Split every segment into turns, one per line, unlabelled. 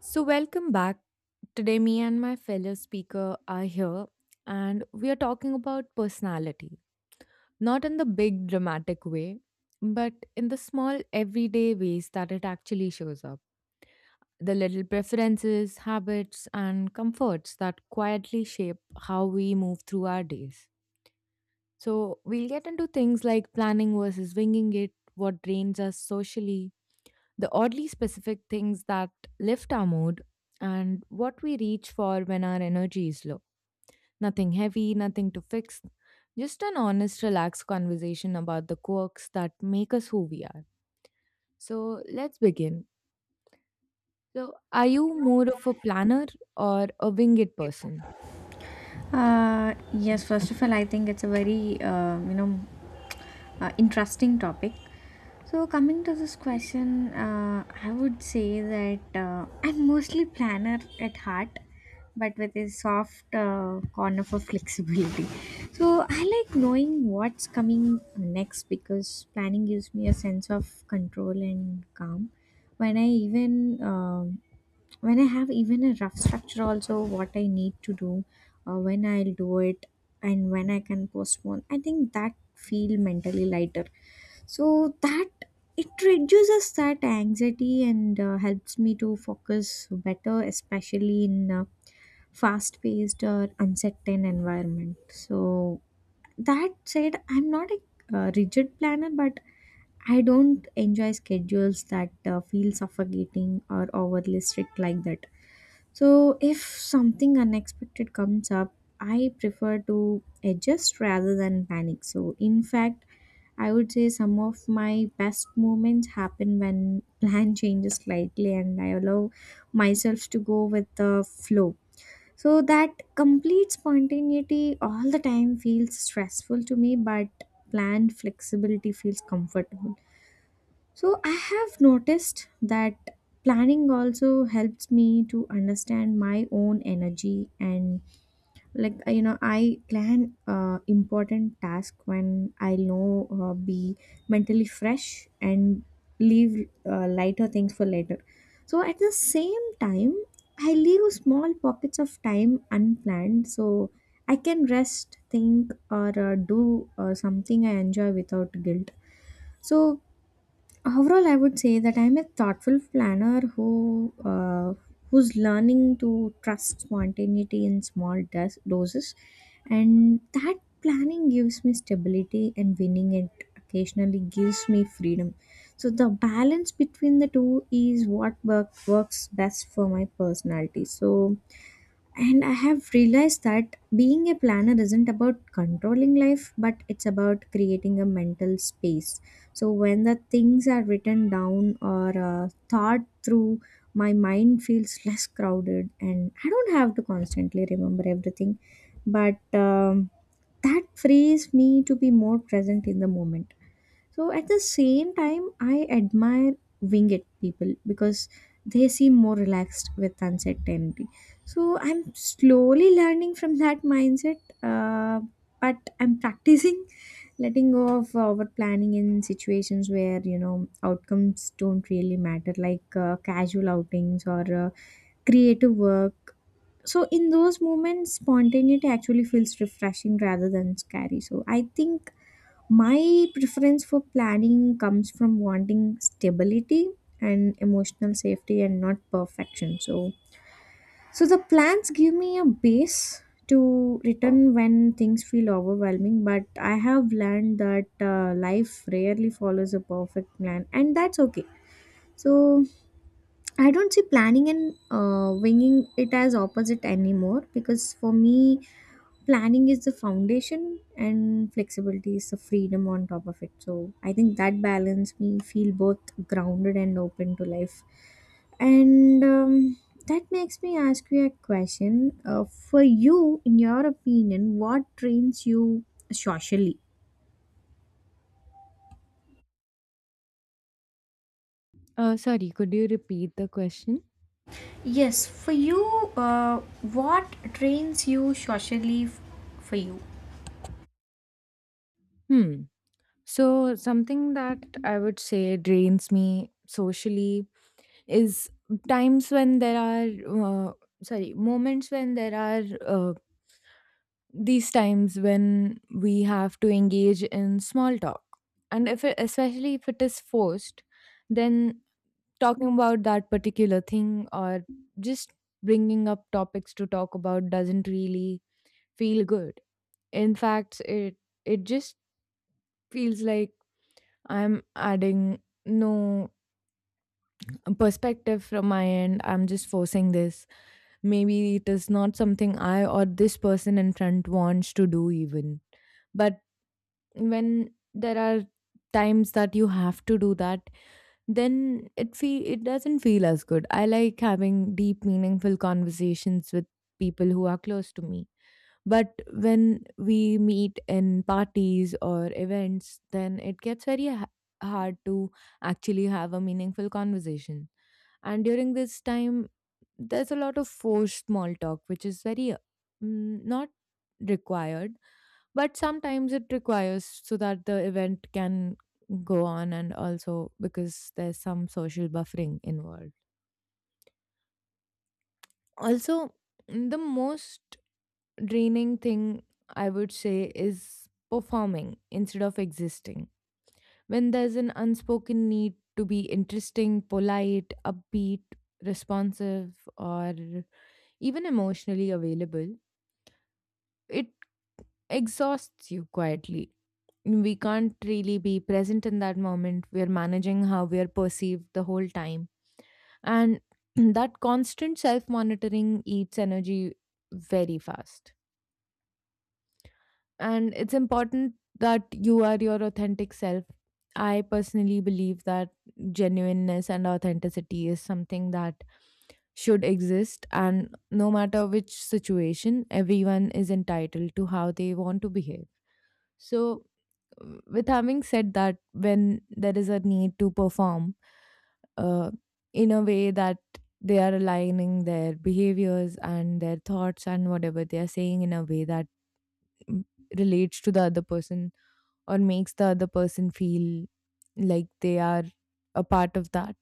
So, welcome back. Today, me and my fellow speaker are here, and we are talking about personality, not in the big dramatic way, but in the small everyday ways that it actually shows up. The little preferences, habits, and comforts that quietly shape how we move through our days. So, we'll get into things like planning versus winging it, what drains us socially, the oddly specific things that lift our mood, and what we reach for when our energy is low. Nothing heavy, nothing to fix, just an honest, relaxed conversation about the quirks that make us who we are. So let's begin. So, are you more of a planner or a wing it person?
Yes, First of all, I think it's a very interesting topic. So coming to this question, I would say that I'm mostly planner at heart, but with a soft corner for flexibility. So I like knowing what's coming next because planning gives me a sense of control and calm. When I even um when I have even a rough structure also what I need to do, when I'll do it, and when I can postpone, I think that feel mentally lighter, so that it reduces that anxiety and helps me to focus better, especially in fast paced or uncertain environment. So that said, I'm not a rigid planner, but I don't enjoy schedules that feel suffocating or overly strict like that. So, if something unexpected comes up, I prefer to adjust rather than panic. So, in fact, I would say some of my best moments happen when plan changes slightly and I allow myself to go with the flow. So, that complete spontaneity all the time feels stressful to me, but planned flexibility feels comfortable. So I have noticed that planning also helps me to understand my own energy, and like, I plan important task when I know be mentally fresh and leave lighter things for later. So at the same time I leave small pockets of time unplanned so I can rest think or do something I enjoy without guilt. So Overall, I would say that I'm a thoughtful planner who's learning to trust spontaneity in small doses, and that planning gives me stability and winning It occasionally gives me freedom. So the balance between the two is what works best for my personality. And I have realized that being a planner isn't about controlling life, but it's about creating a mental space. So when the things are written down or thought through, my mind feels less crowded and I don't have to constantly remember everything. But That frees me to be more present in the moment. So at the same time, I admire winged people because they seem more relaxed with uncertainty. So I'm slowly learning from that mindset, but I'm practicing letting go of over planning in situations where outcomes don't really matter, like casual outings or creative work. So in those moments, spontaneity actually feels refreshing rather than scary. So I think my preference for planning comes from wanting stability and emotional safety and not perfection. So, the plans give me a base to return when things feel overwhelming, but I have learned that life rarely follows a perfect plan, and that's okay. So, I don't see planning and winging it as opposite anymore because for me, planning is the foundation and flexibility is the freedom on top of it. So I think that balance me feel both grounded and open to life. And That makes me ask you a question, uh, for you: in your opinion, what trains you socially?
Sorry, could you repeat the question?
Yes, for you, uh, what trains you socially, for you?
Hmm. So, something that I would say drains me socially is times when there are sorry moments when there are these times when we have to engage in small talk, and if it, especially if it is forced, then talking about that particular thing or just bringing up topics to talk about doesn't really feel good. In fact, it just feels like I'm adding no perspective from my end, I'm just forcing this. Maybe it is not something I or this person in front wants to do, even. But when there are times that you have to do that, then it doesn't feel as good. I like having deep, meaningful conversations with people who are close to me. But when we meet in parties or events, then it gets hard to actually have a meaningful conversation, and during this time there's a lot of forced small talk, which is very not required, but sometimes it requires so that the event can go on, and also because there's some social buffering involved also. The most draining thing I would say is performing instead of existing. When there's an unspoken need to be interesting, polite, upbeat, responsive, or even emotionally available, it exhausts you quietly. We can't really be present in that moment. We're managing how we are perceived the whole time. And that constant self monitoring eats energy very fast. And it's important that you are your authentic self. I personally believe that genuineness and authenticity is something that should exist, and no matter which situation, everyone is entitled to how they want to behave. So, with having said that, when there is a need to perform uh, in a way that they are aligning their behaviors and their thoughts and whatever they are saying in a way that mm, relates to the other person, or makes the other person feel like they are a part of that,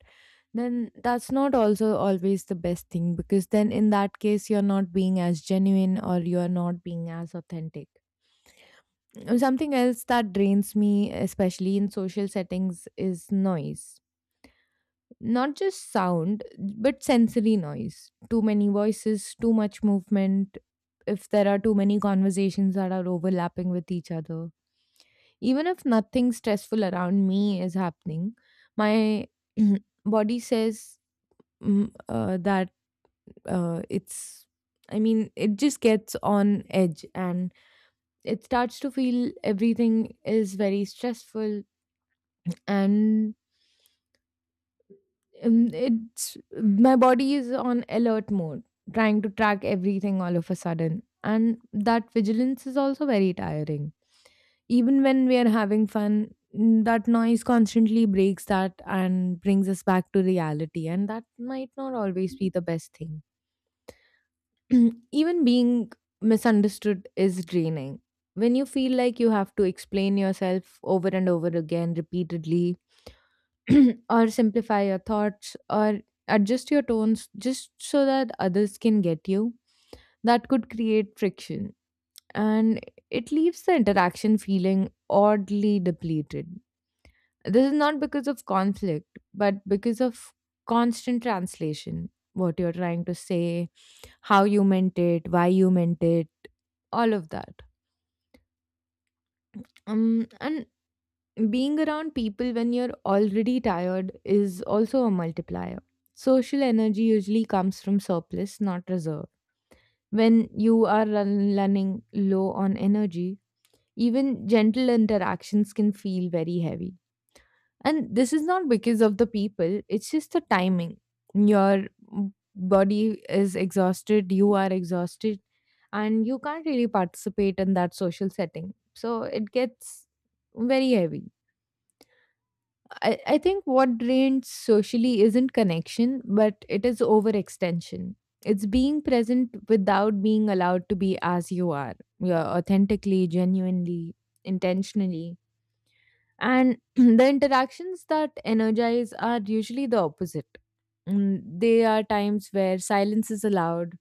then that's not also always the best thing, because then in that case you're not being as genuine or you're not being as authentic. Something else that drains me especially in social settings is noise. Not just sound, but sensory noise. Too many voices, too much movement, if there are too many conversations that are overlapping with each other. Even if nothing stressful around me is happening, my body says mm, uh, that uh, it's, I mean, it just gets on edge and it starts to feel everything is very stressful. And it's, my body is on alert mode trying to track everything all of a sudden, and that vigilance is also very tiring. Even when we are having fun, that noise constantly breaks that and brings us back to reality, and that might not always be the best thing. Even being misunderstood is draining. When you feel like you have to explain yourself over and over again repeatedly, or simplify your thoughts, or adjust your tones just so that others can get you, that could create friction. And it leaves the interaction feeling oddly depleted. This is not because of conflict, but because of constant translation. What you're trying to say, how you meant it, why you meant it, all of that. And being around people when you're already tired is also a multiplier. Social energy usually comes from surplus, not reserve. When you are running low on energy, even gentle interactions can feel very heavy. And this is not because of the people, it's just the timing. Your body is exhausted, you are exhausted, and you can't really participate in that social setting. So it gets very heavy. I think what drains socially isn't connection, but it is overextension. It's being present without being allowed to be as you are. You're authentically, genuinely, intentionally, and the interactions that energize are usually the opposite. They are times where silence is allowed,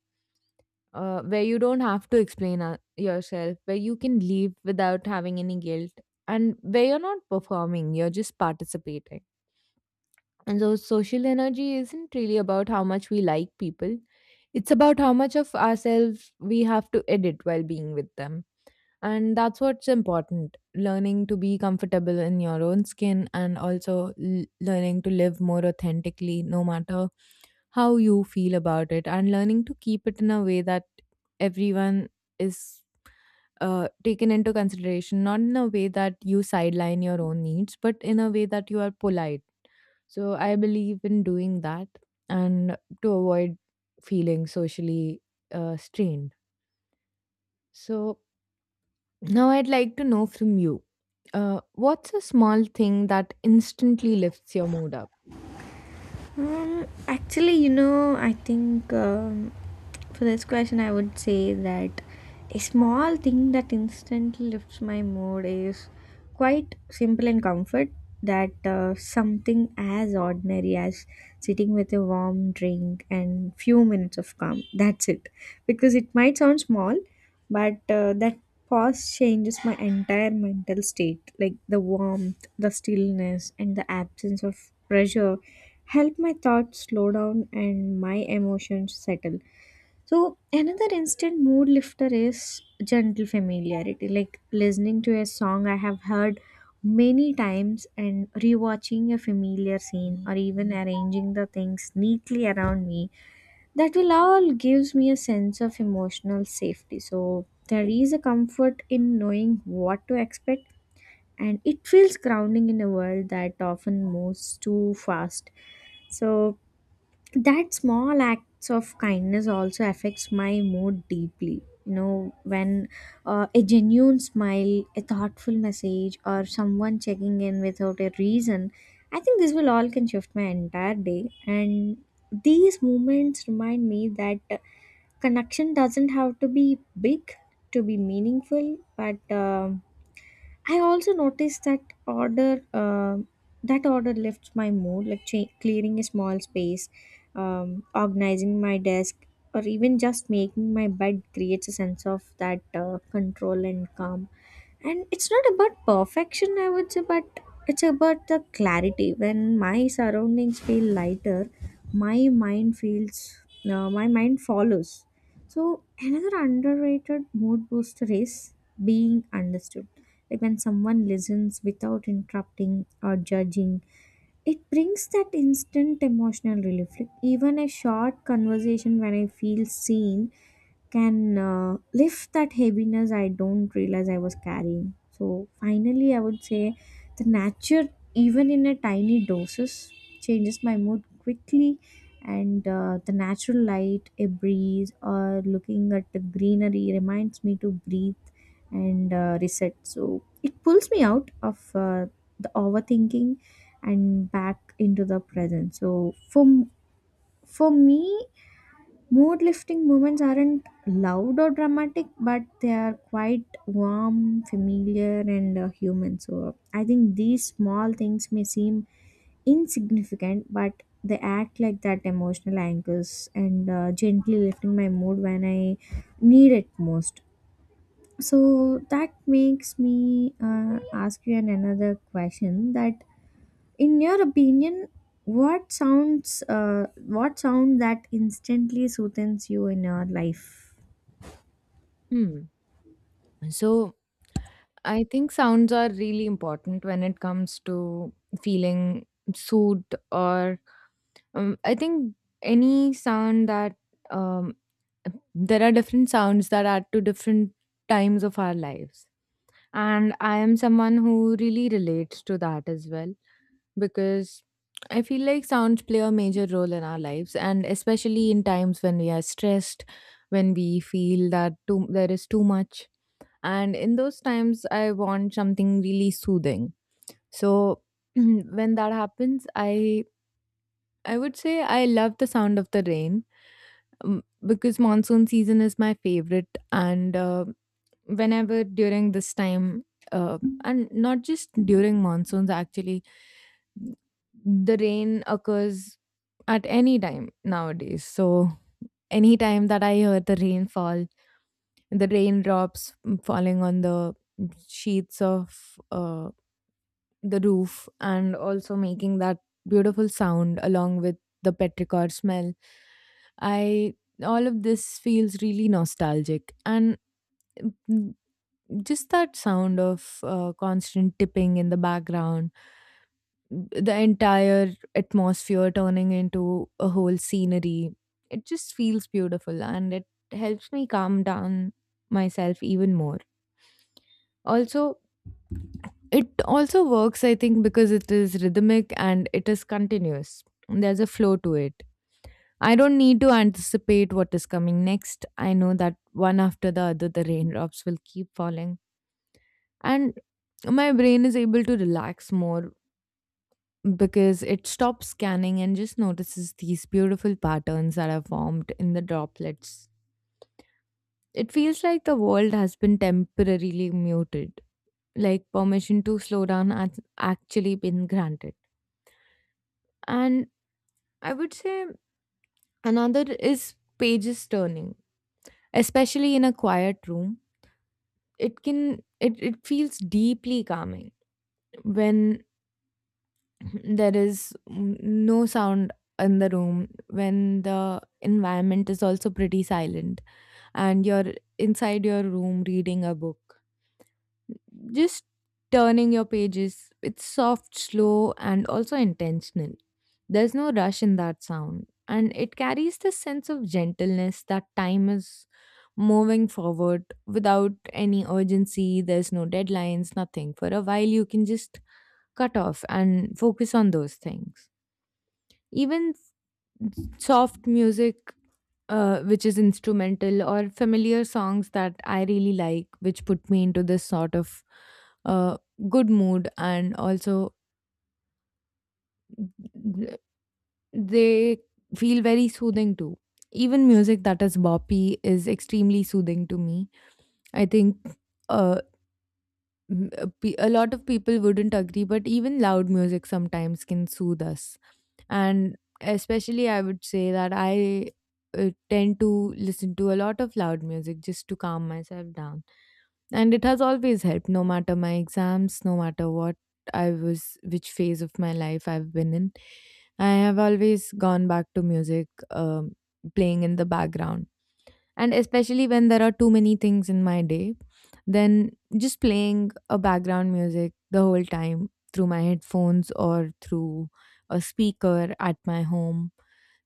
where you don't have to explain yourself, where you can leave without having any guilt, and where you're not performing, you're just participating. And so, social energy isn't really about how much we like people, it's about how much of ourselves we have to edit while being with them. And that's what's important: learning to be comfortable in your own skin, and also learning to live more authentically, no matter how you feel about it, and learning to keep it in a way that everyone is taken into consideration, not in a way that you sideline your own needs, but in a way that you are polite. So I believe in doing that, and to avoid feeling socially strained. So now, I'd like to know from you, what's a small thing that instantly lifts your mood up?
Well, actually, I think for this question, I would say that a small thing that instantly lifts my mood is quite simple and comfort. That something as ordinary as sitting with a warm drink and few minutes of calm. That's it. Because it might sound small, but that pause changes my entire mental state, like the warmth, the stillness, and the absence of pressure help my thoughts slow down and my emotions settle. So another instant mood lifter is gentle familiarity, like listening to a song I have heard many times and rewatching a familiar scene or even arranging the things neatly around me. That will all gives me a sense of emotional safety, so there is a comfort in knowing what to expect, and it feels grounding in a world that often moves too fast. So that small acts of kindness also affects my mood deeply. You know, when a genuine smile, a thoughtful message, or someone checking in without a reason, I think this will all can shift my entire day. And these moments remind me that connection doesn't have to be big to be meaningful. But I also noticed that um order lifts my mood, like clearing a small space, um, organizing my desk, or even just making my bed creates a sense of that control and calm. And it's not about perfection, I would say, but it's about the clarity. When my surroundings feel lighter, my mind feels my mind follows. So another underrated mood booster is being understood, like when someone listens without interrupting or judging. It brings that instant emotional relief, like even a short conversation when I feel seen can lift that heaviness I don't realize I was carrying. So finally, I would say the nature, even in a tiny doses, changes my mood quickly. And the natural light, a breeze, or looking at the greenery reminds me to breathe and reset. So it pulls me out of the overthinking and back into the present. So For me, mood lifting moments aren't loud or dramatic, but they are quite warm, familiar, and human. So I think these small things may seem insignificant, but they act like that emotional anchors and gently lifting my mood when I need it most. So that makes me ask you an another question, that in your opinion, what sounds what sound that instantly soothes you in your life?
Hmm. So, I think sounds are really important when it comes to feeling soothed, or I think any sound that um, there are different sounds that add to different times of our lives. And I am someone who really relates to that as well, because I feel like sounds play a major role in our lives, and especially in times when we are stressed, when we feel that there is too much. And in those times, I want something really soothing. So when that happens, I would say I love the sound of the rain, because monsoon season is my favorite, and whenever during this time uh, and not just during monsoons actually, the rain occurs at any time nowadays. So any time that I hear the rainfall, the raindrops falling on the sheets of the roof, and also making that beautiful sound along with the petrichor smell, I all of this feels really nostalgic, and just that sound of constant tipping in the background, the entire atmosphere turning into a whole scenery. It just feels beautiful and it helps me calm down myself even more. Also, it also works, I think, because it is rhythmic and it is continuous. There's a flow to it. I don't need to anticipate what is coming next. I know that one after the other, the raindrops will keep falling, and my brain is able to relax more because it stops scanning and just notices these beautiful patterns that are formed in the droplets. It feels like the world has been temporarily muted, like permission to slow down has actually been granted. And I would say another is pages turning, especially in a quiet room. It feels deeply calming when there is no sound in the room, when the environment is also pretty silent and you're inside your room reading a book. Just turning your pages, it's soft, slow, and also intentional. There's no rush in that sound, and it carries this sense of gentleness that time is moving forward without any urgency. There's no deadlines, nothing, for a while you can just cut off and focus on those things. Even soft music, which is instrumental, or familiar songs that I really like, which put me into this sort of uh, good mood, and also th- they feel very soothing too. Even music that is boppy is extremely soothing to me, I think. uh a lot of people wouldn't agree, but even loud music sometimes can soothe us. And especially, I would say that I tend to listen to a lot of loud music just to calm myself down. And it has always helped, no matter my exams, no matter which phase of my life I've been in. I have always gone back to music playing in the background, and especially when there are too many things in my day, then just playing a background music the whole time through my headphones or through a speaker at my home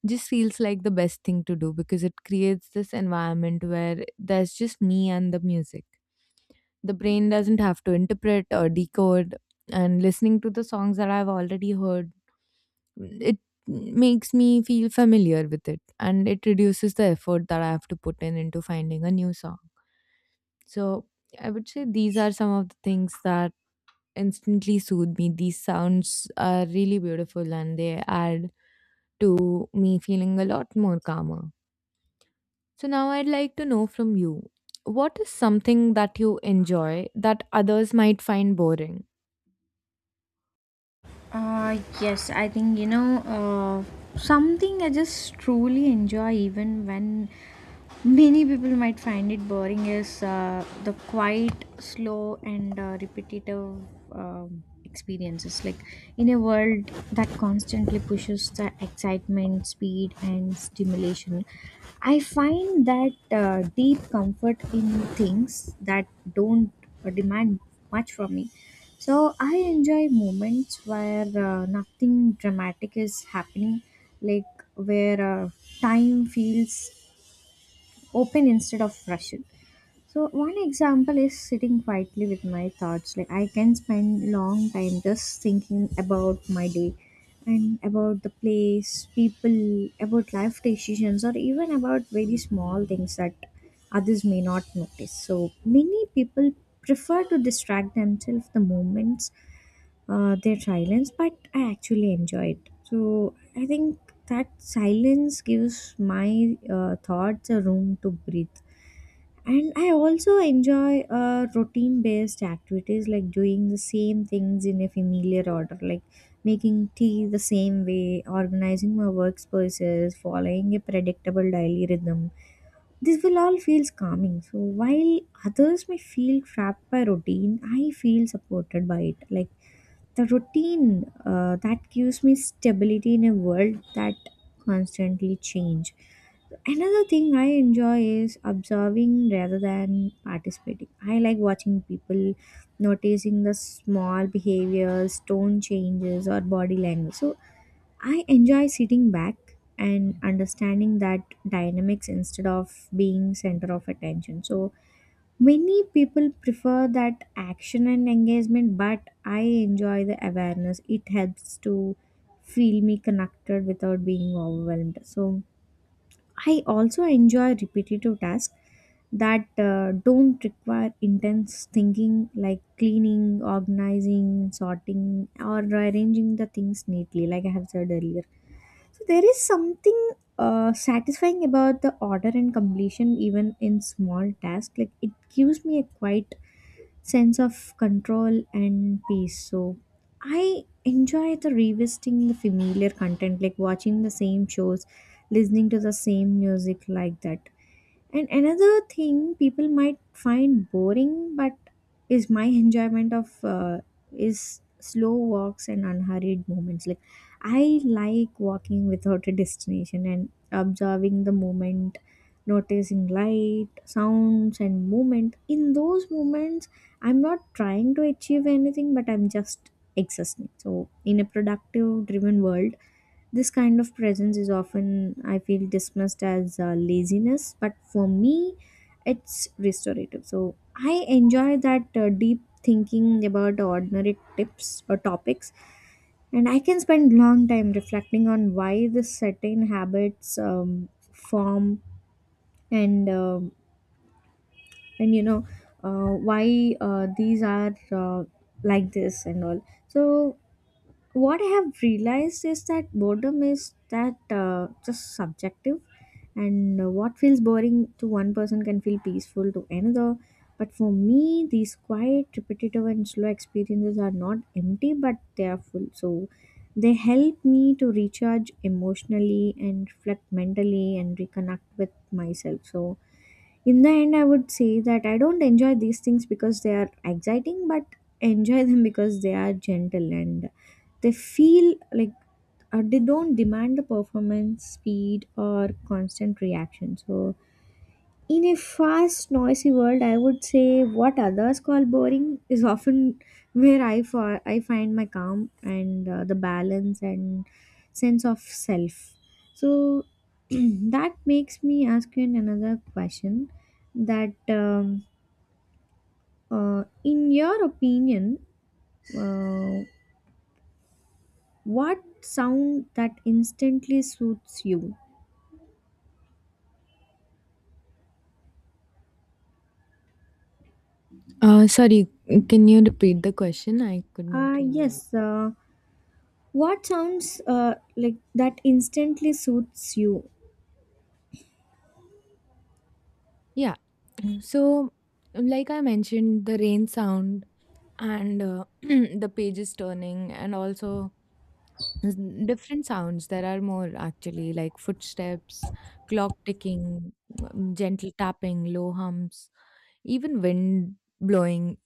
just feels like the best thing to do, because it creates this environment where there's just me and the music. The brain doesn't have to interpret or decode, and listening to the songs that I've already heard, it makes me feel familiar with it and it reduces the effort that I have to put in into finding a new song. So I would say these are some of the things that instantly soothe me. These sounds are really beautiful and they add to me feeling a lot more calmer. So now I'd like to know from you, what is something that you enjoy that others might find boring?
Yes, I think something I just truly enjoy, even when many people might find it boring, is the quiet, slow, and repetitive experiences. Like in a world that constantly pushes the excitement, speed, and stimulation, I find that deep comfort in things that don't demand much from me. So I enjoy moments where nothing dramatic is happening, like where time feels open instead of rushed. So one example is sitting quietly with my thoughts. Like I can spend long time just thinking about my day and about the place, people, about life decisions or even about very small things that others may not notice. So many people prefer to distract themselves the moments their silence, but I actually enjoy it. So I think that silence gives my thoughts a room to breathe. And I also enjoy routine based activities, like doing the same things in a familiar order, like making tea the same way, organizing my workspaces, following a predictable daily rhythm. This will all feels calming. So while others may feel trapped by routine, I feel supported by it, like the routine that gives me stability in a world that constantly change. Another thing I enjoy is observing rather than participating. I like watching people, noticing the small behaviors, tone changes, or body language. So I enjoy sitting back and understanding that dynamics instead of being center of attention. So many people prefer that action and engagement, but I enjoy the awareness. It helps to feel me connected without being overwhelmed. So I also enjoy repetitive tasks that don't require intense thinking, like cleaning, organizing, sorting, or arranging the things neatly, like I have said earlier. So there is something satisfying about the order and completion, even in small tasks. Like it gives me a quiet sense of control and peace. So I enjoy the revisiting the familiar content, like watching the same shows, listening to the same music, like that. And another thing people might find boring, but is my enjoyment of is slow walks and unhurried moments. Like I like walking without a destination and observing the moment, noticing light, sounds, and movement. In those moments, I'm not trying to achieve anything, but I'm just existing. So in a productive driven world, this kind of presence is often, I feel, dismissed as laziness, but for me, it's restorative. So I enjoy that deep thinking about ordinary tips or topics, and I can spend long time reflecting on why this certain habits form, and um and you know why these are like this and all. So what I have realized is that boredom is that just subjective, and what feels boring to one person can feel peaceful to another. But for me, these quiet, repetitive, and slow experiences are not empty, but they are full. So they help me to recharge emotionally and reflect mentally and reconnect with myself. So in the end, I would say that I don't enjoy these things because they are exciting, but enjoy them because they are gentle, and they feel like they don't demand the performance speed or constant reaction. So in a fast, noisy world, I would say what others call boring is often where I find my calm and the balance and sense of self. So that makes me ask you another question, that in your opinion, uh, what sound that instantly soothes you?
Sorry, can you repeat the question? I couldn't
Uh,
really understand.
yes, uh, what sounds like that instantly suits you?
Yeah. So, like I mentioned, the rain sound and the pages turning, and also s- different sounds. There are more actually, like footsteps, clock ticking, gentle tapping, low hums, even wind blowing.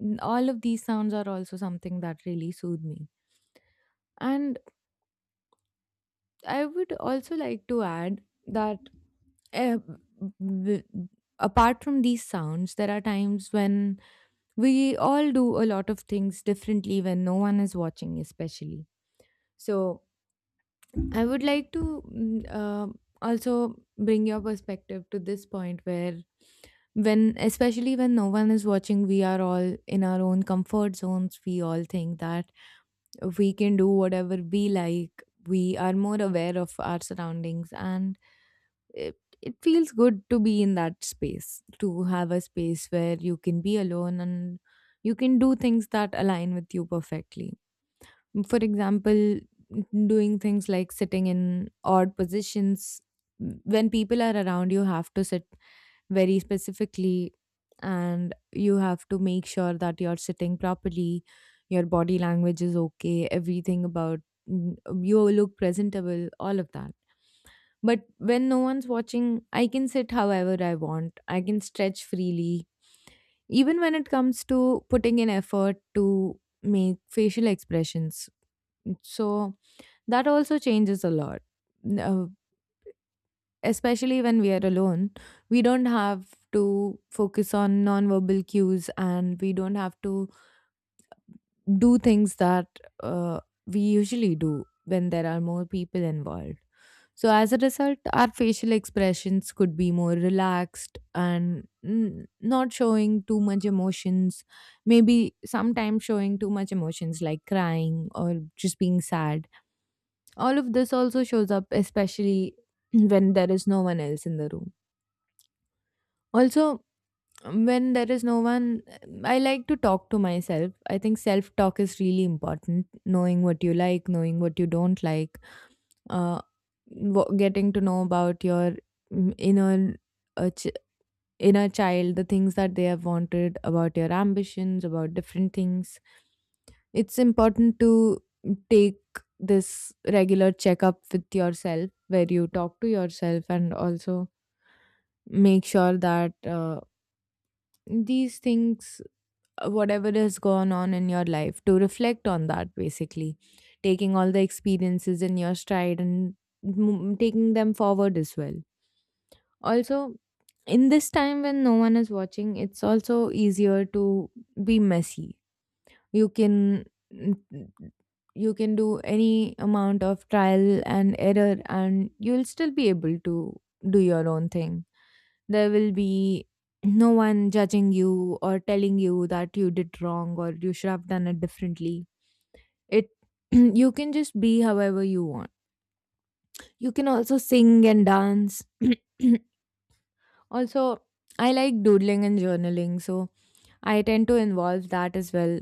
All of these sounds are also something that really soothe me. And I would also like to add that, uh, w- apart from these sounds, there are times when we all do a lot of things differently when no one is watching, especially. So I would like to also bring your perspective to this point where, when especially when no one is watching, we are all in our own comfort zones. We all think that we can do whatever we like, we are more aware of our surroundings, and it feels good to be in that space, to have a space where you can be alone and you can do things that align with you perfectly. For example, doing things like sitting in odd positions. When people are around, you have to sit very specifically, and you have to make sure that you're sitting properly, your body language is okay, everything about you look presentable, all of that. But when no one's watching, I can sit however I want. I can stretch freely. Even when it comes to putting in effort to make facial expressions, so that also changes a lot. N- uh, Especially when we are alone, we don't have to focus on nonverbal cues, and we don't have to do things that uh, we usually do when there are more people involved. So, as a result, our facial expressions could be more relaxed and not showing too much emotions. Maybe sometimes showing too much emotions, like crying or just being sad. All of this also shows up, especially when there is no one else in the room. Also, when there is no one, I like to talk to myself. I think self talk is really important, knowing what you like, knowing what you don't like, uh, getting to know about your inner uh, ch- inner child, the things that they have wanted, about your ambitions, about different things. It's important to take this regular checkup with yourself, where you talk to yourself, and also make sure that these things, whatever has gone on in your life, to reflect on that, basically taking all the experiences in your stride and taking them forward as well. Also, in this time when no one is watching, it's also easier to be messy. You can mm, you can do any amount of trial and error and you'll still be able to do your own thing. There will be no one judging you or telling you that you did wrong or you should have done it differently. It you can just be however you want. You can also sing and dance. Also, I like doodling and journaling, so I tend to involve that as well.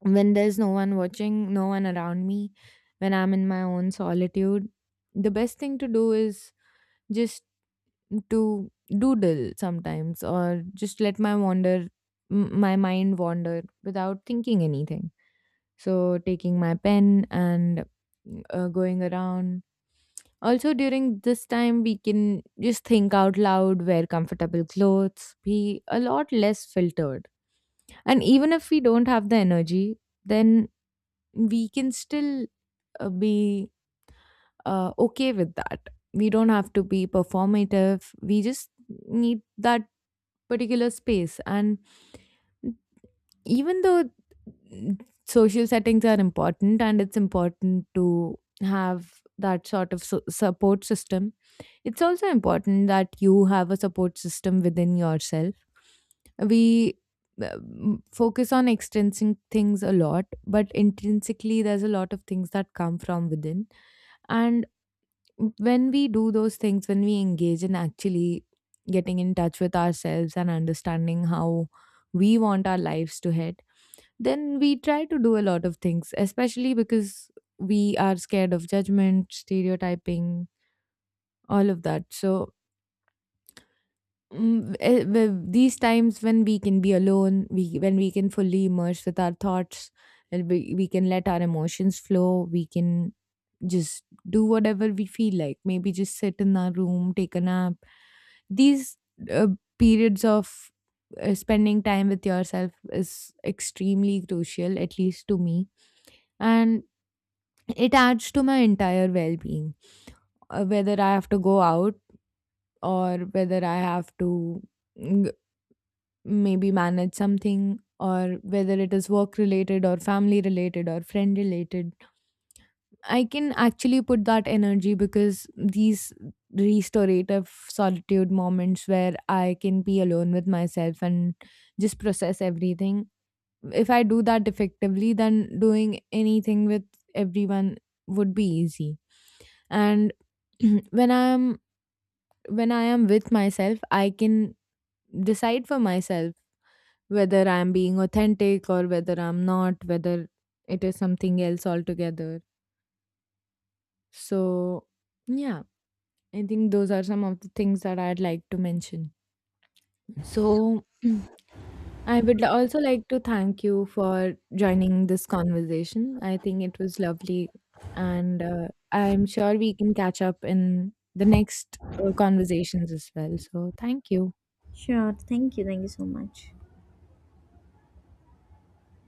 When there's no one watching, no one around me, when I'm in my own solitude, the best thing to do is just to doodle sometimes, or just let my wander my mind wander without thinking anything. So taking my pen and going around. Also during this time, we can just think out loud, wear comfortable clothes, be a lot less filtered. And even if we don't have the energy, then we can still be okay with that. We don't have to be performative. We just need that particular space. And even though mm, social settings are important and it's important to have that sort of support system, it's also important that you have a support system within yourself. We focus on extrinsic things a lot, but intrinsically, there's a lot of things that come from within. And when we do those things, when we engage in actually getting in touch with ourselves and understanding how we want our lives to head, then we try to do a lot of things, especially because we are scared of judgment, stereotyping, all of that. So, these times when we can be alone, we when we can fully immerse with our thoughts, and we can let our emotions flow. We can just do whatever we feel like. Maybe just sit in our room, take a nap. These uh, periods of spending time with yourself is extremely crucial, at least to me, and it adds to my entire well-being. Whether I have to go out or whether I have to mm, maybe manage something, or whether it is work related or family related or friend related, I can actually put that energy because these restorative solitude moments where I can be alone with myself and just process everything, if I do that effectively, then doing anything with everyone would be easy. And when i'm when I am with myself, I can decide for myself whether I'm being authentic or whether I'm not, whether it is something else altogether. So, yeah, I think those are some of the things that I'd like to mention. So, I would also like to thank you for joining this conversation. I think it was lovely, and I'm sure we can catch up in the next conversations as well. So, thank you.
Sure. Thank you. Thank you so much.